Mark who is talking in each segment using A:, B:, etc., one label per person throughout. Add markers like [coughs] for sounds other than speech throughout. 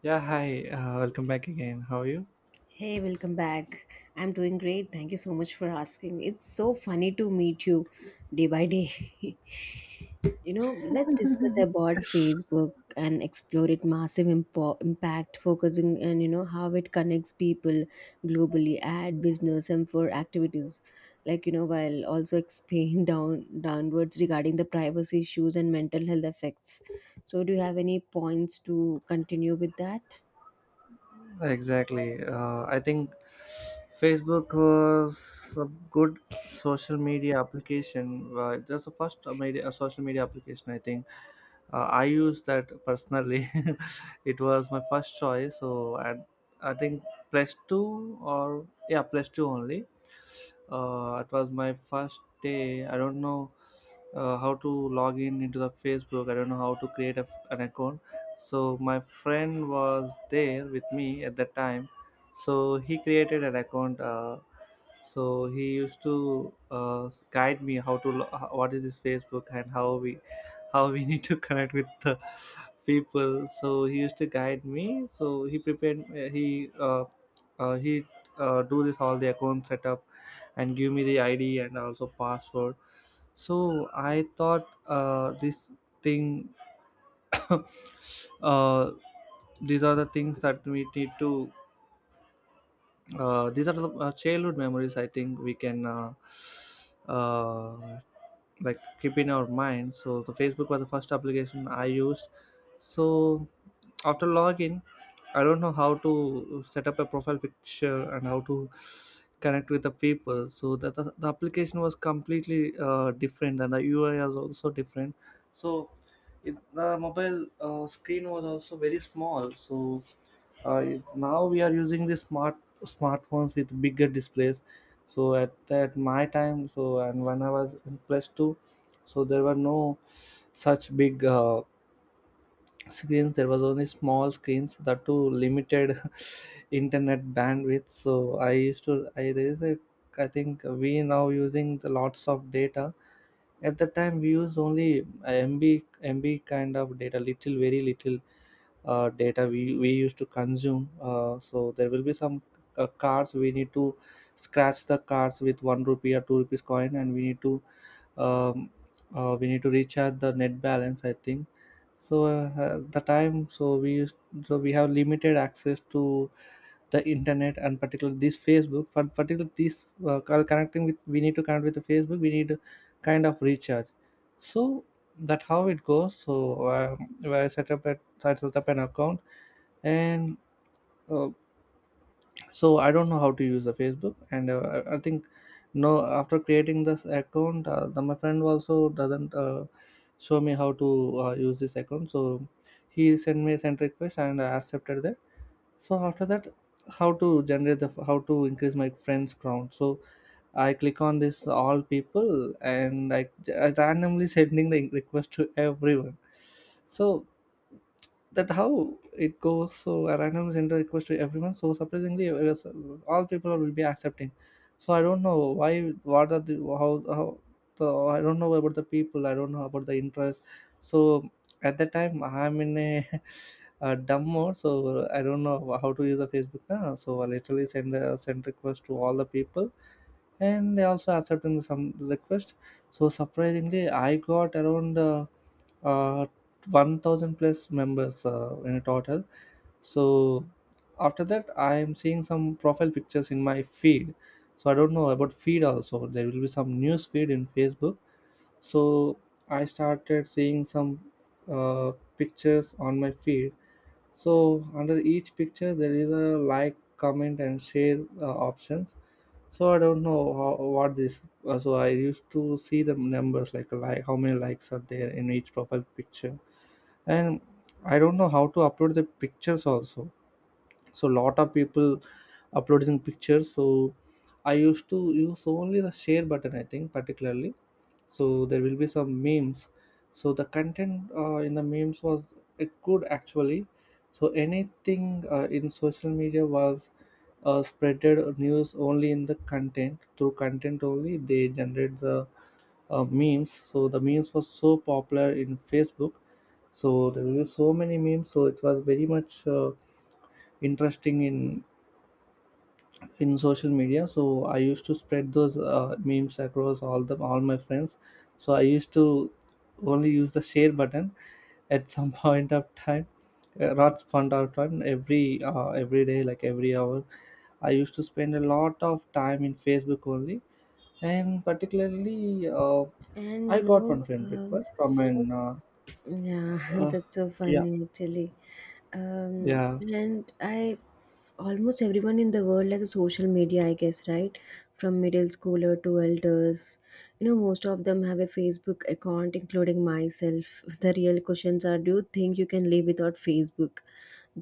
A: Yeah, hi. Welcome back again. How are you?
B: Hey, welcome back. I'm doing great. Thank you so much for asking. It's so funny to meet you day by day. [laughs] Let's discuss about Facebook and explore its massive impact, focusing on, how it connects people globally, ad business and for activities. Like, while also expand [laughs] downwards regarding the privacy issues and mental health effects. So do you have any points to continue with that?
A: Exactly. I think Facebook was a good social media application. That's the first media, a social media application. I think I used that personally. [laughs] It was my first choice. So I think plus two or yeah, plus two only. It was my first day. I don't know how to log in into the Facebook. I don't know how to create an account. So my friend was there with me at that time. So he created an account. So he used to guide me how to what is this Facebook, and how we [laughs] need to connect with the people. So he used to guide me. So he prepared, he do this all the account setup, and give me the id and also password. So I thought, this thing. [coughs] uh, these are the things that we need to. These are the childhood memories, I think we can, uh, like, keep in our mind. So the Facebook was the first application I used. So after login, I don't know how to set up a profile picture and how to connect with the people. So that the application was completely different, and the UI was also different. So the mobile screen was also very small. So now we are using the smartphones with bigger displays. So at my time, so, and when I was in plus 2, so there were no such big screens. There was only small screens, that too limited [laughs] internet bandwidth. So I used to, I, there is a, I think we now using the lots of data. At that time, we used only MB, MB kind of data, little, very little data we used to consume. So there will be some cards. We need to scratch the cards with 1 rupee or 2 rupees coin, and we need to, um, we need to recharge the net balance. I think so. At the time, so we used, so we have limited access to the internet, and particularly this Facebook. For particular this connecting with, we need to connect with the Facebook. We need kind of recharge. So that how it goes. So I set up an account, and uh, so I don't know how to use the Facebook, and I think no, after creating this account, my friend also doesn't show me how to use this account. So he sent me a send request, and I accepted that. So after that, how to generate the, how to increase my friends count. So I click on this all people, and I randomly sending the request to everyone. So that how it goes. So I randomly send the request to everyone. So surprisingly it was- all people will be accepting. So I don't know why, what are the, how how the, I don't know about the people, I don't know about the interest. So at that time, I'm in a [laughs] dumb mode. So I don't know how to use a Facebook now. So I literally send the send request to all the people, and they also accepting some request. So surprisingly I got around, uh, 1,000 plus members in total. So after that, I am seeing some profile pictures in my feed. So I don't know about feed also. There will be some news feed in Facebook. So I started seeing some uh, pictures on my feed. So under each picture there is a like, comment and share options. So I don't know how, what this so I used to see the numbers, how many likes are there in each profile picture. And I don't know how to upload the pictures also. So lot of people uploading pictures. So I used to use only the share button, I think, particularly. So there will be some memes. So the content in the memes was good, actually. So anything in social media was spreaded news only in the content. Through content only they generate the memes. So the memes was so popular in Facebook. So there were so many memes. So it was very much interesting in social media. So I used to spread those memes across all my friends. So I used to only use the share button at some [laughs] point of time, not fun out time, every day, like every hour. I used to spend a lot of time in Facebook only. And particularly
B: And
A: I
B: you
A: got one
B: know,
A: friend
B: um,
A: request from an
B: Yeah, [laughs]
A: uh,
B: that's so
A: yeah,
B: funny actually.
A: yeah,
B: And I almost everyone in the world has a social media, I guess, right? From middle schooler to elders. Most of them have a Facebook account, including myself. [laughs] The real questions are, do you think you can live without Facebook?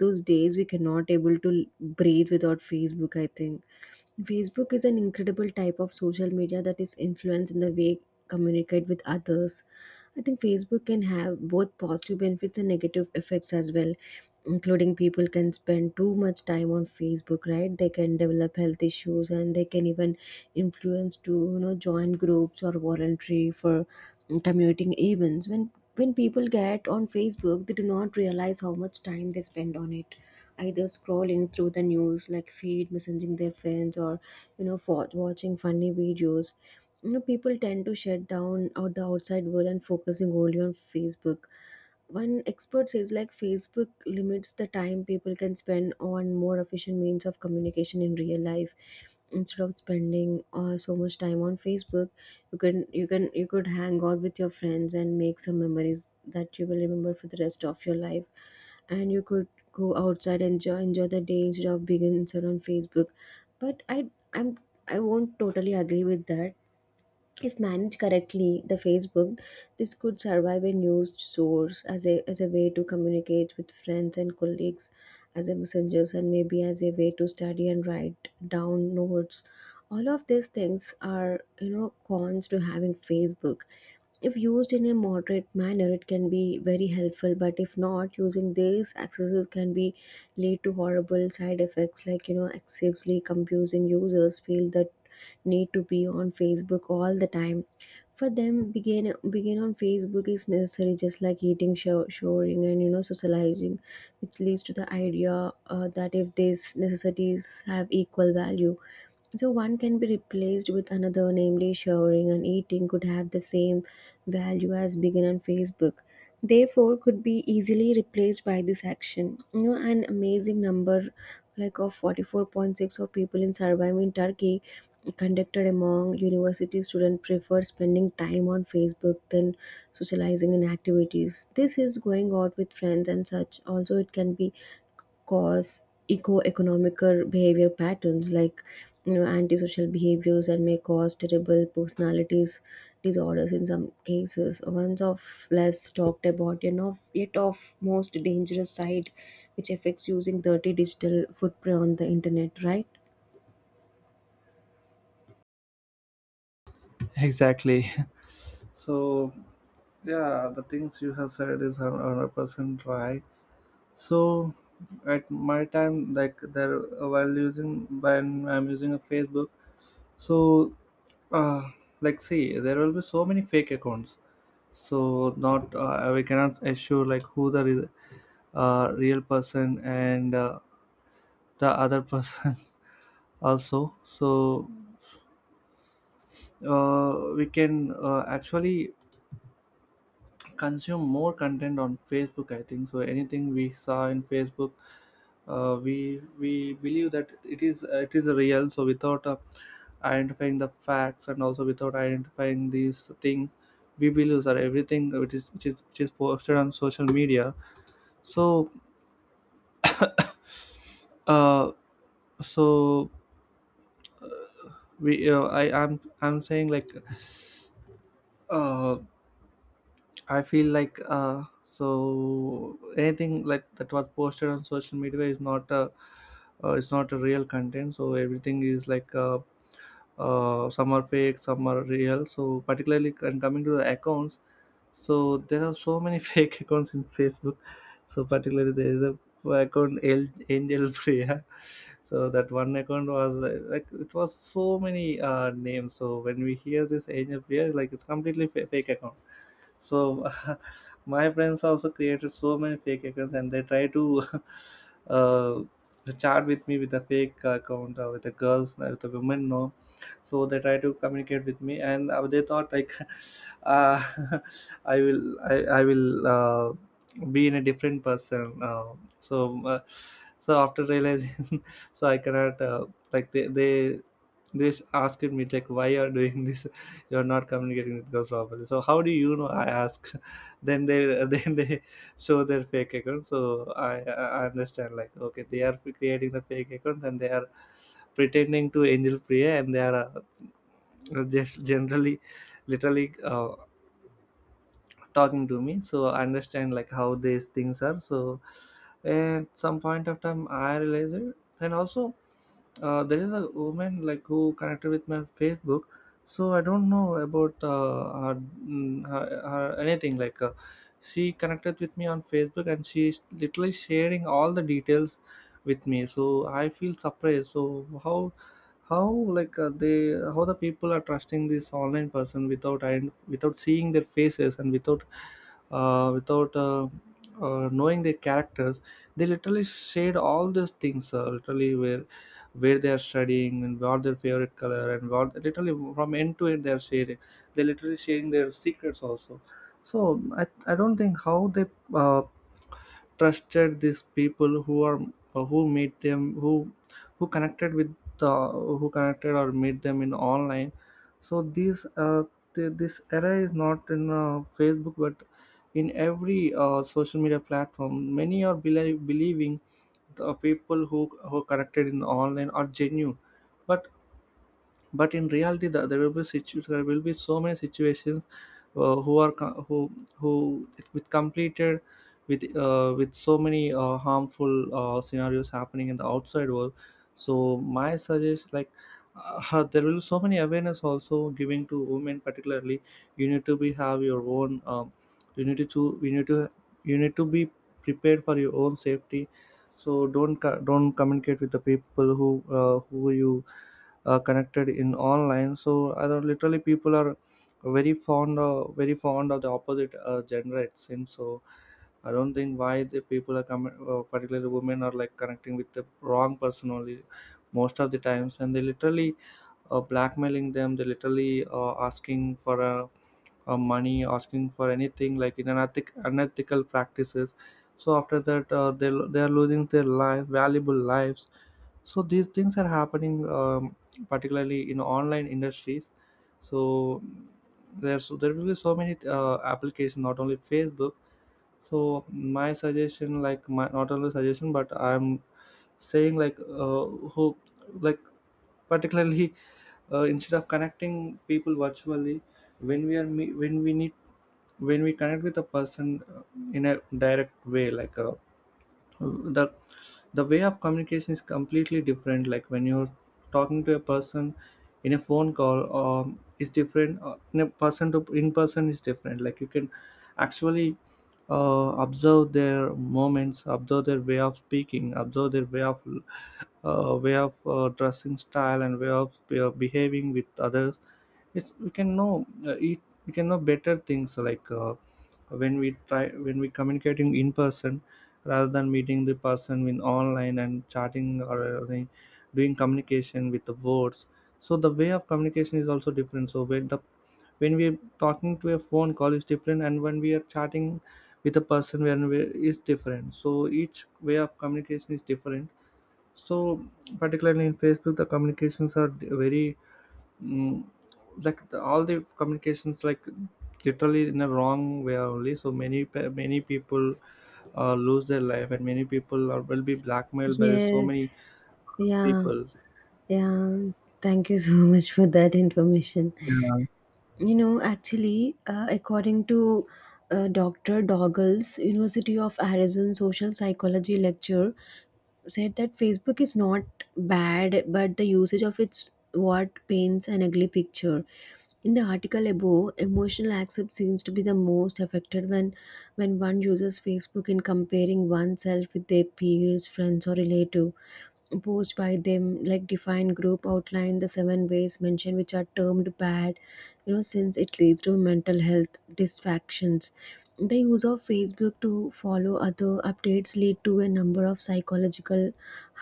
B: Those days we cannot able to breathe without Facebook, I think. Facebook is an incredible type of social media that is influenced in the way communicate with others. I think Facebook can have both positive benefits and negative effects as well, including people can spend too much time on Facebook, right? They can develop health issues and they can even influence to join groups or voluntary for commuting events. When people get on Facebook, they do not realize how much time they spend on it, either scrolling through the news like feed, messaging their friends, or for watching funny videos. People tend to shut down out the outside world and focusing only on Facebook. One expert says like Facebook limits the time people can spend on more efficient means of communication in real life. Instead of spending so much time on Facebook, you can you can you could hang out with your friends and make some memories that you will remember for the rest of your life, and you could go outside and enjoy the day instead of being inside on Facebook. But I I'm I won't totally agree with that. If managed correctly, the Facebook, this could serve a news source as a way to communicate with friends and colleagues, as a messengers, and maybe as a way to study and write down notes. All of these things are, cons to having Facebook. If used in a moderate manner, it can be very helpful, but if not, using these accessories can be lead to horrible side effects like, excessively confusing users feel that need to be on Facebook all the time. For them, begin on Facebook is necessary, just like eating, showering, and, socializing, which leads to the idea that if these necessities have equal value, so one can be replaced with another, namely showering and eating could have the same value as begin on Facebook. Therefore, could be easily replaced by this action. You know, an amazing number like of 44.6 of people in survey in Turkey conducted among university students prefer spending time on Facebook than socializing in activities. This is going out with friends and such. Also, it can be cause eco-economical behavior patterns like, antisocial behaviors and may cause terrible personalities disorders in some cases, ones of less talked about and of yet of most dangerous side, which affects using dirty digital footprint on the internet, right?
A: exactly. [laughs] So yeah, the things you have said is 100% right. So at my time, like there while using, when I'm using a Facebook, so uh, like see, there will be so many fake accounts. So not, we cannot assure like who the real person and the other person [laughs] also. So we can actually consume more content on Facebook. I think so. Anything we saw in Facebook, we believe that it is real. So without identifying the facts, and also without identifying these thing, we believe that everything which is posted on social media. So uh so we I'm saying, like, uh I feel like, so anything like that was posted on social media is not a, it's not a real content. So everything is like, some are fake, some are real. So particularly, and coming to the accounts, so there are so many [laughs] fake accounts in Facebook. So particularly there is a account, Angel Priya. [laughs] So that one account was, like, it was so many names. So when we hear this Angel Priya, like, it's completely fake account. So [laughs] my friends also created so many fake accounts, and they try to [laughs] uh, chat with me with a fake account, or with a girls, with a women, no. So they try to communicate with me, and they thought like, [laughs] uh, [laughs] I will be in a different person, so so after realizing, [laughs] so I cannot, like, they asked me, like, why you are doing this. [laughs] You are not communicating with girls properly. So how do you know, I ask. [laughs] Then they then they show their fake accounts. So I understand, like, okay, they are creating the fake accounts, and they are pretending to Angel Priya, and they are, just generally, literally talking to me. So I understand, like, how these things are. So at some point of time, I realized it. And also, there is a woman, like, who connected with my Facebook. So I don't know about, mm, her, her anything, like, she connected with me on Facebook, and she's literally sharing all the details with me. So I feel surprised. So how how like, they how the people are trusting this online person, without, and without seeing their faces, and without knowing their characters. They literally shade all these things, literally, where they are studying, and what their favorite color, and what, literally from end to end they are sharing. They literally sharing their secrets also. So I don't think how they uh, trusted these people who are, who meet them, who connected with, uh, who connected or meet them in online. So these, this era is not in Facebook, but in every social media platform, many are believing the people who connected in online are genuine. But but in reality, there will be there will be so many situations, who are co- who with completed, with so many harmful scenarios happening in the outside world. So my suggestion, like, [laughs] there will be so many awareness also giving to women particularly. You need to be have your own, you need to you need to be prepared for your own safety. So don't communicate with the people who, who you, connected in online. So I don't, literally, people are very fond of the opposite gender, it seems. So I don't think why the people are coming, particularly women, are, like, connecting with the wrong person only, most of the times, and they literally blackmailing them. They literally asking for a money, asking for anything like in unethical practices. So after that, they are losing their life, valuable lives. So these things are happening, particularly in online industries. So there will be so many applications, not only Facebook. So my suggestion, like my not only suggestion, but I'm saying like who like particularly instead of connecting people virtually when when we need when we connect with a person in a direct way like the the way of communication is completely different, like when you're talking to a person in a phone call is different, in a person to in person is different. Like you can actually observe their moments, observe their way of speaking, observe their way of dressing style and way of behaving with others. Yes, we can know it, we can know better things like when we try when we communicating in person rather than meeting the person in online and chatting or doing communication with the words. So the way of communication is also different. So when we're talking to a phone call is different, and when we are chatting with a person when we is different. So each way of communication is different. So particularly in Facebook, the communications are very mm, like all the communications like literally in a wrong way only. So many many people lose their life, and many people are, will be blackmailed by so many
B: Yes. Yeah.
A: people.
B: Yeah, thank you so [laughs] much for that information.
A: Yeah,
B: You know, actually, according to Dr. Doggles, University of Arizona social psychology lecture said that Facebook is not bad, but the usage of it's what paints an ugly picture. In the article above, emotional accept seems to be the most affected when one uses Facebook in comparing oneself with their peers, friends, or relative posed by them like defined group outline the seven ways mentioned, which are termed bad, since it leads to mental health dysfunctions. The use of Facebook to follow other updates lead to a number of psychological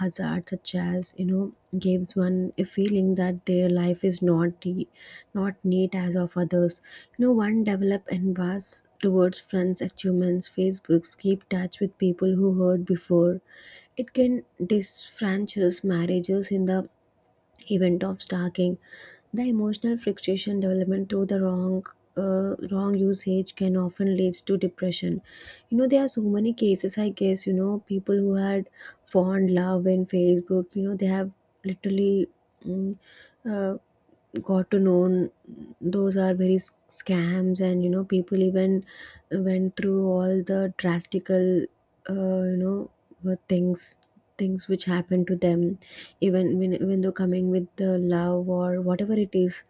B: hazards such as, gives one a feeling that their life is not the, not neat as of others. One develop and was towards friends achievements. Facebooks keep touch with people who heard before. It can disfranchise marriages in the event of stalking. The emotional frustration development through the wrong usage can often leads to depression. You know, there are so many cases. I guess people who had fond love in Facebook. You know, they have literally mm, uh, got to know those are very scams, and people even went through all the drastical, uh, you know what things, things which happened to them, even when, even though coming with the love or whatever it is,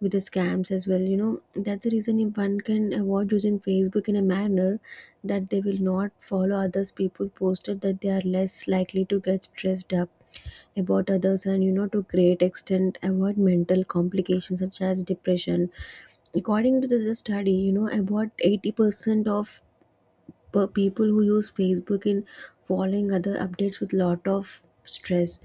B: with the scams as well. That's the reason if one can avoid using Facebook in a manner that they will not follow others people posted, that they are less likely to get stressed up about others, and, to great extent avoid mental complications such as depression. According to this study, about 80% of per people who use Facebook in following other updates with lot of stress.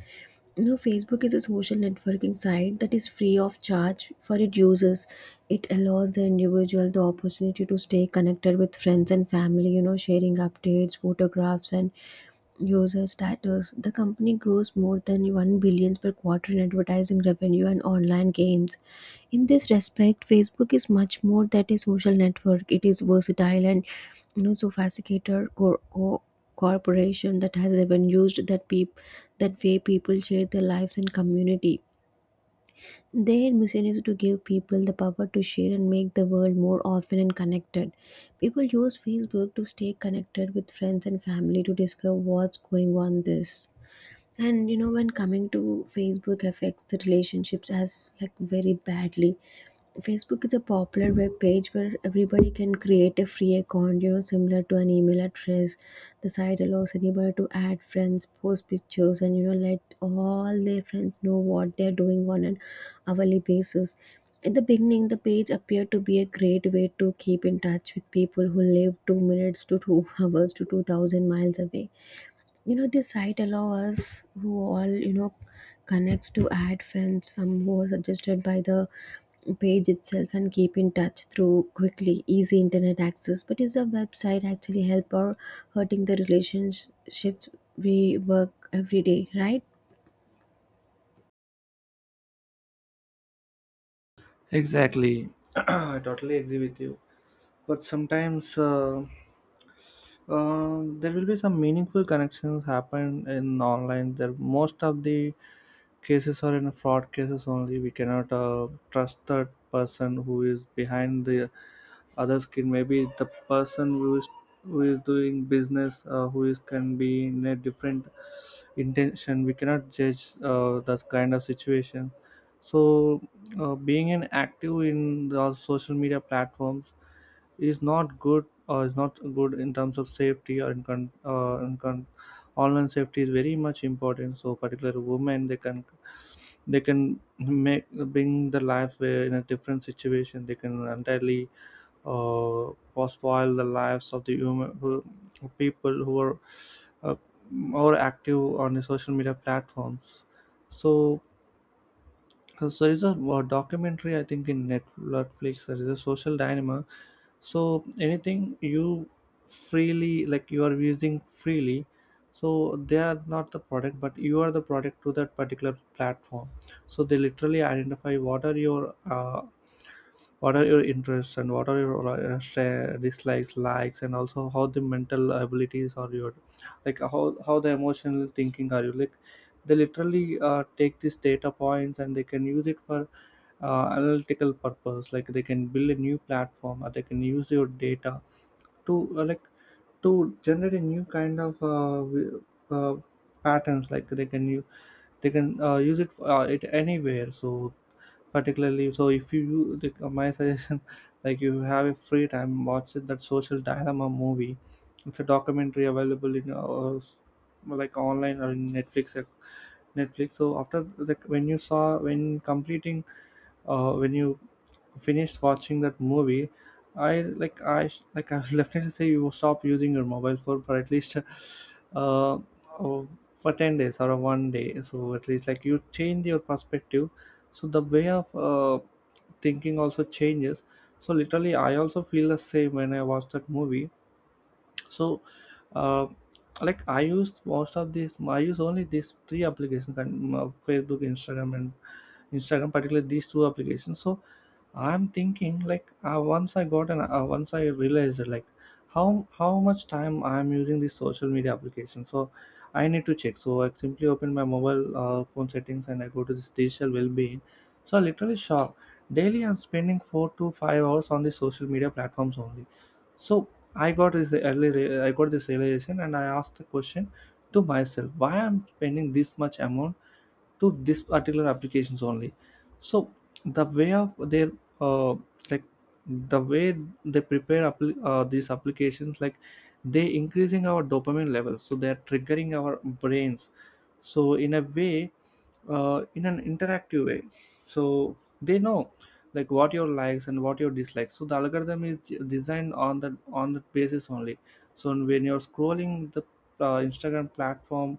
B: Facebook is a social networking site that is free of charge for its users. It allows the individual the opportunity to stay connected with friends and family, sharing updates, photographs, and user status. The company grows more than 1 billion per quarter in advertising revenue and online gains. In this respect, Facebook is much more than a social network. It is versatile and, sophisticated corporation that has even used that way people share their lives and community. Their mission is to give people the power to share and make the world more often and connected. People use Facebook to stay connected with friends and family, to discover what's going on this. And, when coming to Facebook affects the relationships as like very badly. Facebook is a popular web page where everybody can create a free account, similar to an email address. The site allows anybody to add friends, post pictures, and, let all their friends know what they're doing on an hourly basis. In the beginning, the page appeared to be a great way to keep in touch with people who live 2 minutes to two [laughs] hours to 2,000 miles away. This site allows us who all, connects to add friends, some who are suggested by the page itself and keep in touch through quickly easy internet access. But is the website actually help or hurting the relationships we work every day, right?
A: exactly. [clears throat] I totally agree with you, but sometimes there will be some meaningful connections happen in online. There most of the cases are in fraud cases only. We cannot trust that person who is behind the other skill. Maybe the person who is doing business, who is, can be in a different intention. We cannot judge that kind of situation. So being an active in the social media platforms is not good, or is not good in terms of safety, or in, online safety is very much important. So particular women, they can make bring the life where in a different situation, they can entirely was spoil the lives of the human who, people who are uh, more active on the social media platforms. So, so there is a, uh, documentary I think in Netflix. There is a social dilemma. So anything you freely, like you are using freely, so they are not the product, but you are the product to that particular platform. So they literally identify what are your interests, and what are your dislikes, likes, and also how the mental abilities are your, like how the emotional thinking are you, like they literally take these data points and they can use it for analytical purpose, like they can build a new platform or they can use your data to like to generate a new kind of uh, patterns. Like they can use, they can use it anywhere. So particularly, so if you the, my suggestion, [laughs] like you have a free time, watch it, that social dilemma movie. It's a documentary available in like online or in Netflix, Netflix. So when you saw, when completing when you finished watching that movie, I I will [laughs] definitely say you stop using your mobile phone for at least [laughs] uh, uh, for 10 days or one day, so at least like you change your perspective. So the way of thinking also changes. So literally I also feel the same when I watch that movie. So uh, like I use most of these, I use only these 3 applications and, Facebook, Instagram, and Instagram particularly, these 2 applications. So I'm thinking like once I got an once I realized like how much time I'm using this social media application. So I need to check. So I simply open my mobile phone settings and I go to this digital well-being. So I literally shocked. Daily I'm spending 4 to 5 hours on the social media platforms only. So I got this I got this realization and I asked the question to myself, why I'm spending this much amount to this particular applications only. So the way of their uh, like the way they prepare appli these applications, like they increasing our dopamine levels, so they are triggering our brains, so in a way in an interactive way. So they know, like what your likes and what your dislikes, so the algorithm is designed on the basis only. So when you're scrolling the Instagram platform,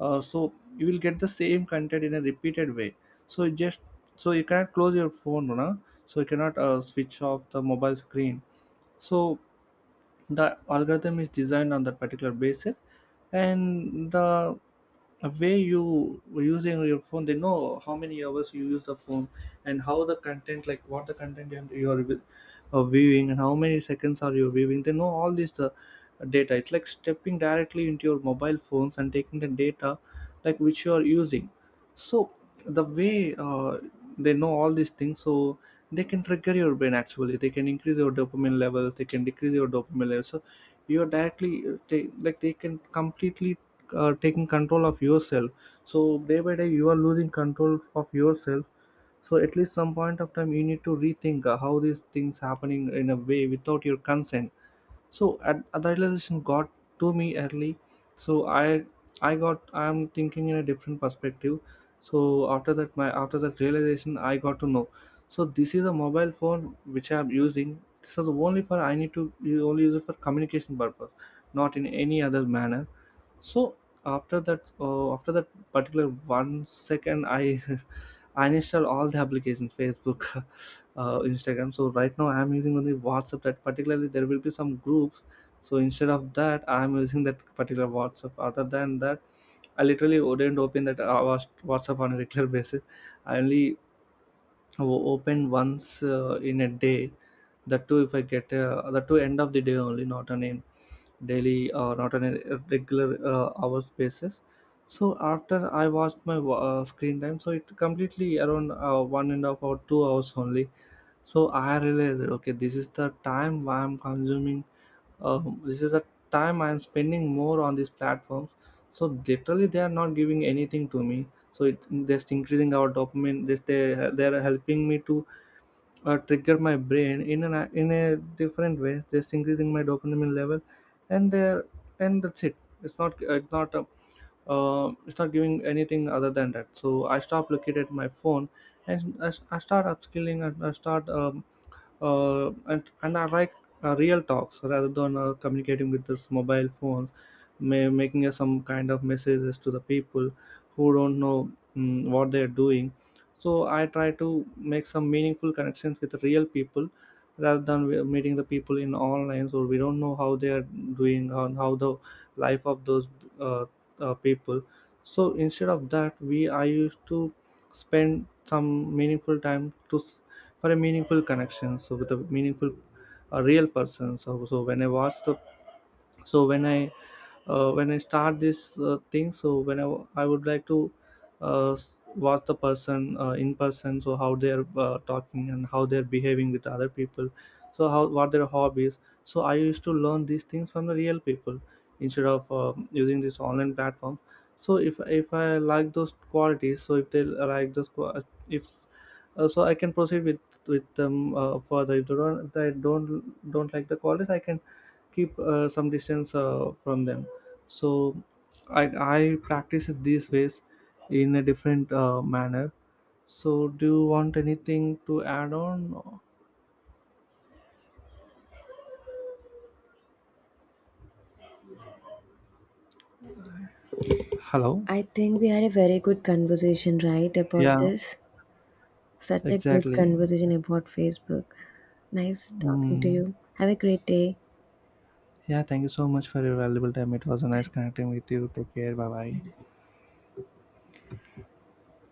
A: so you will get the same content in a repeated way. So it just, so you cannot close your phone, no? So you cannot switch off the mobile screen. So the algorithm is designed on that particular basis. And the way you using your phone, they know how many hours you use the phone, and how the content, like what the content you are viewing, and how many seconds are you viewing, they know all this data. It's like stepping directly into your mobile phones and taking the data, like which you are using. So the way they know all these things. So they can trigger your brain, actually they can increase your dopamine levels, they can decrease your dopamine levels. So you are directly like they can completely taking control of yourself. So day by day you are losing control of yourself. So at least some point of time you need to rethink how these things happening in a way without your consent. So at the realization got to me early. So I got, I'm thinking in a different perspective. So after that my, after that realization I got to know, so this is a mobile phone which I'm using, this is only for, I need to only use it for communication purpose, not in any other manner. So after that particular one second, I [laughs] I install all the applications, Facebook, [laughs] Instagram. So right now I'm using only WhatsApp. That particularly there will be some groups. So instead of that, I'm using that particular WhatsApp. Other than that, I literally wouldn't open that WhatsApp on a regular [laughs] basis. I only open once in a day. That too, if I get that too end of the day only, not an daily, not on a regular hours basis. So after I watched my screen time, so it completely around 1.5 or 2 hours only. So I realized, okay, this is the time why I'm consuming, this is the time I'm spending more on these platforms. So literally they are not giving anything to me. So it just increasing our dopamine, just they're helping me to trigger my brain in an in a different way, just increasing my dopamine level, and there and that's it. It's not it's not giving anything other than that. So I stop looking at my phone, and I start upskilling, and I start and I like real talks rather than communicating with this mobile phones, making us some kind of messages to the people who don't know what they are doing. So I try to make some meaningful connections with real people rather than meeting the people in online. So we don't know how they are doing and how the life of those uh, people. So instead of that, we I used to spend some meaningful time for a meaningful connection, so with a meaningful a real person. So so when I watch the so when I when I start this thing, so when I would like to watch the person in person, so how they're talking and how they're behaving with other people, so how what their hobbies. So I used to learn these things from the real people instead of using this online platform. So if I like those qualities, so if they like those qua- if so I can proceed with them further. If they don't, if I don't like the college, I can keep some distance from them. So I I practice it these ways in a different manner. So do you want anything to add on? Hello.
B: I think we had a very good conversation, right, about
A: Yeah.
B: this, such a good
A: Exactly.
B: conversation about Facebook. Nice talking to
A: Mm.
B: you. Have a great day.
A: Yeah. Thank you so much for your valuable time. It was a nice
B: Bye.
A: connecting with you. Take care. Bye bye.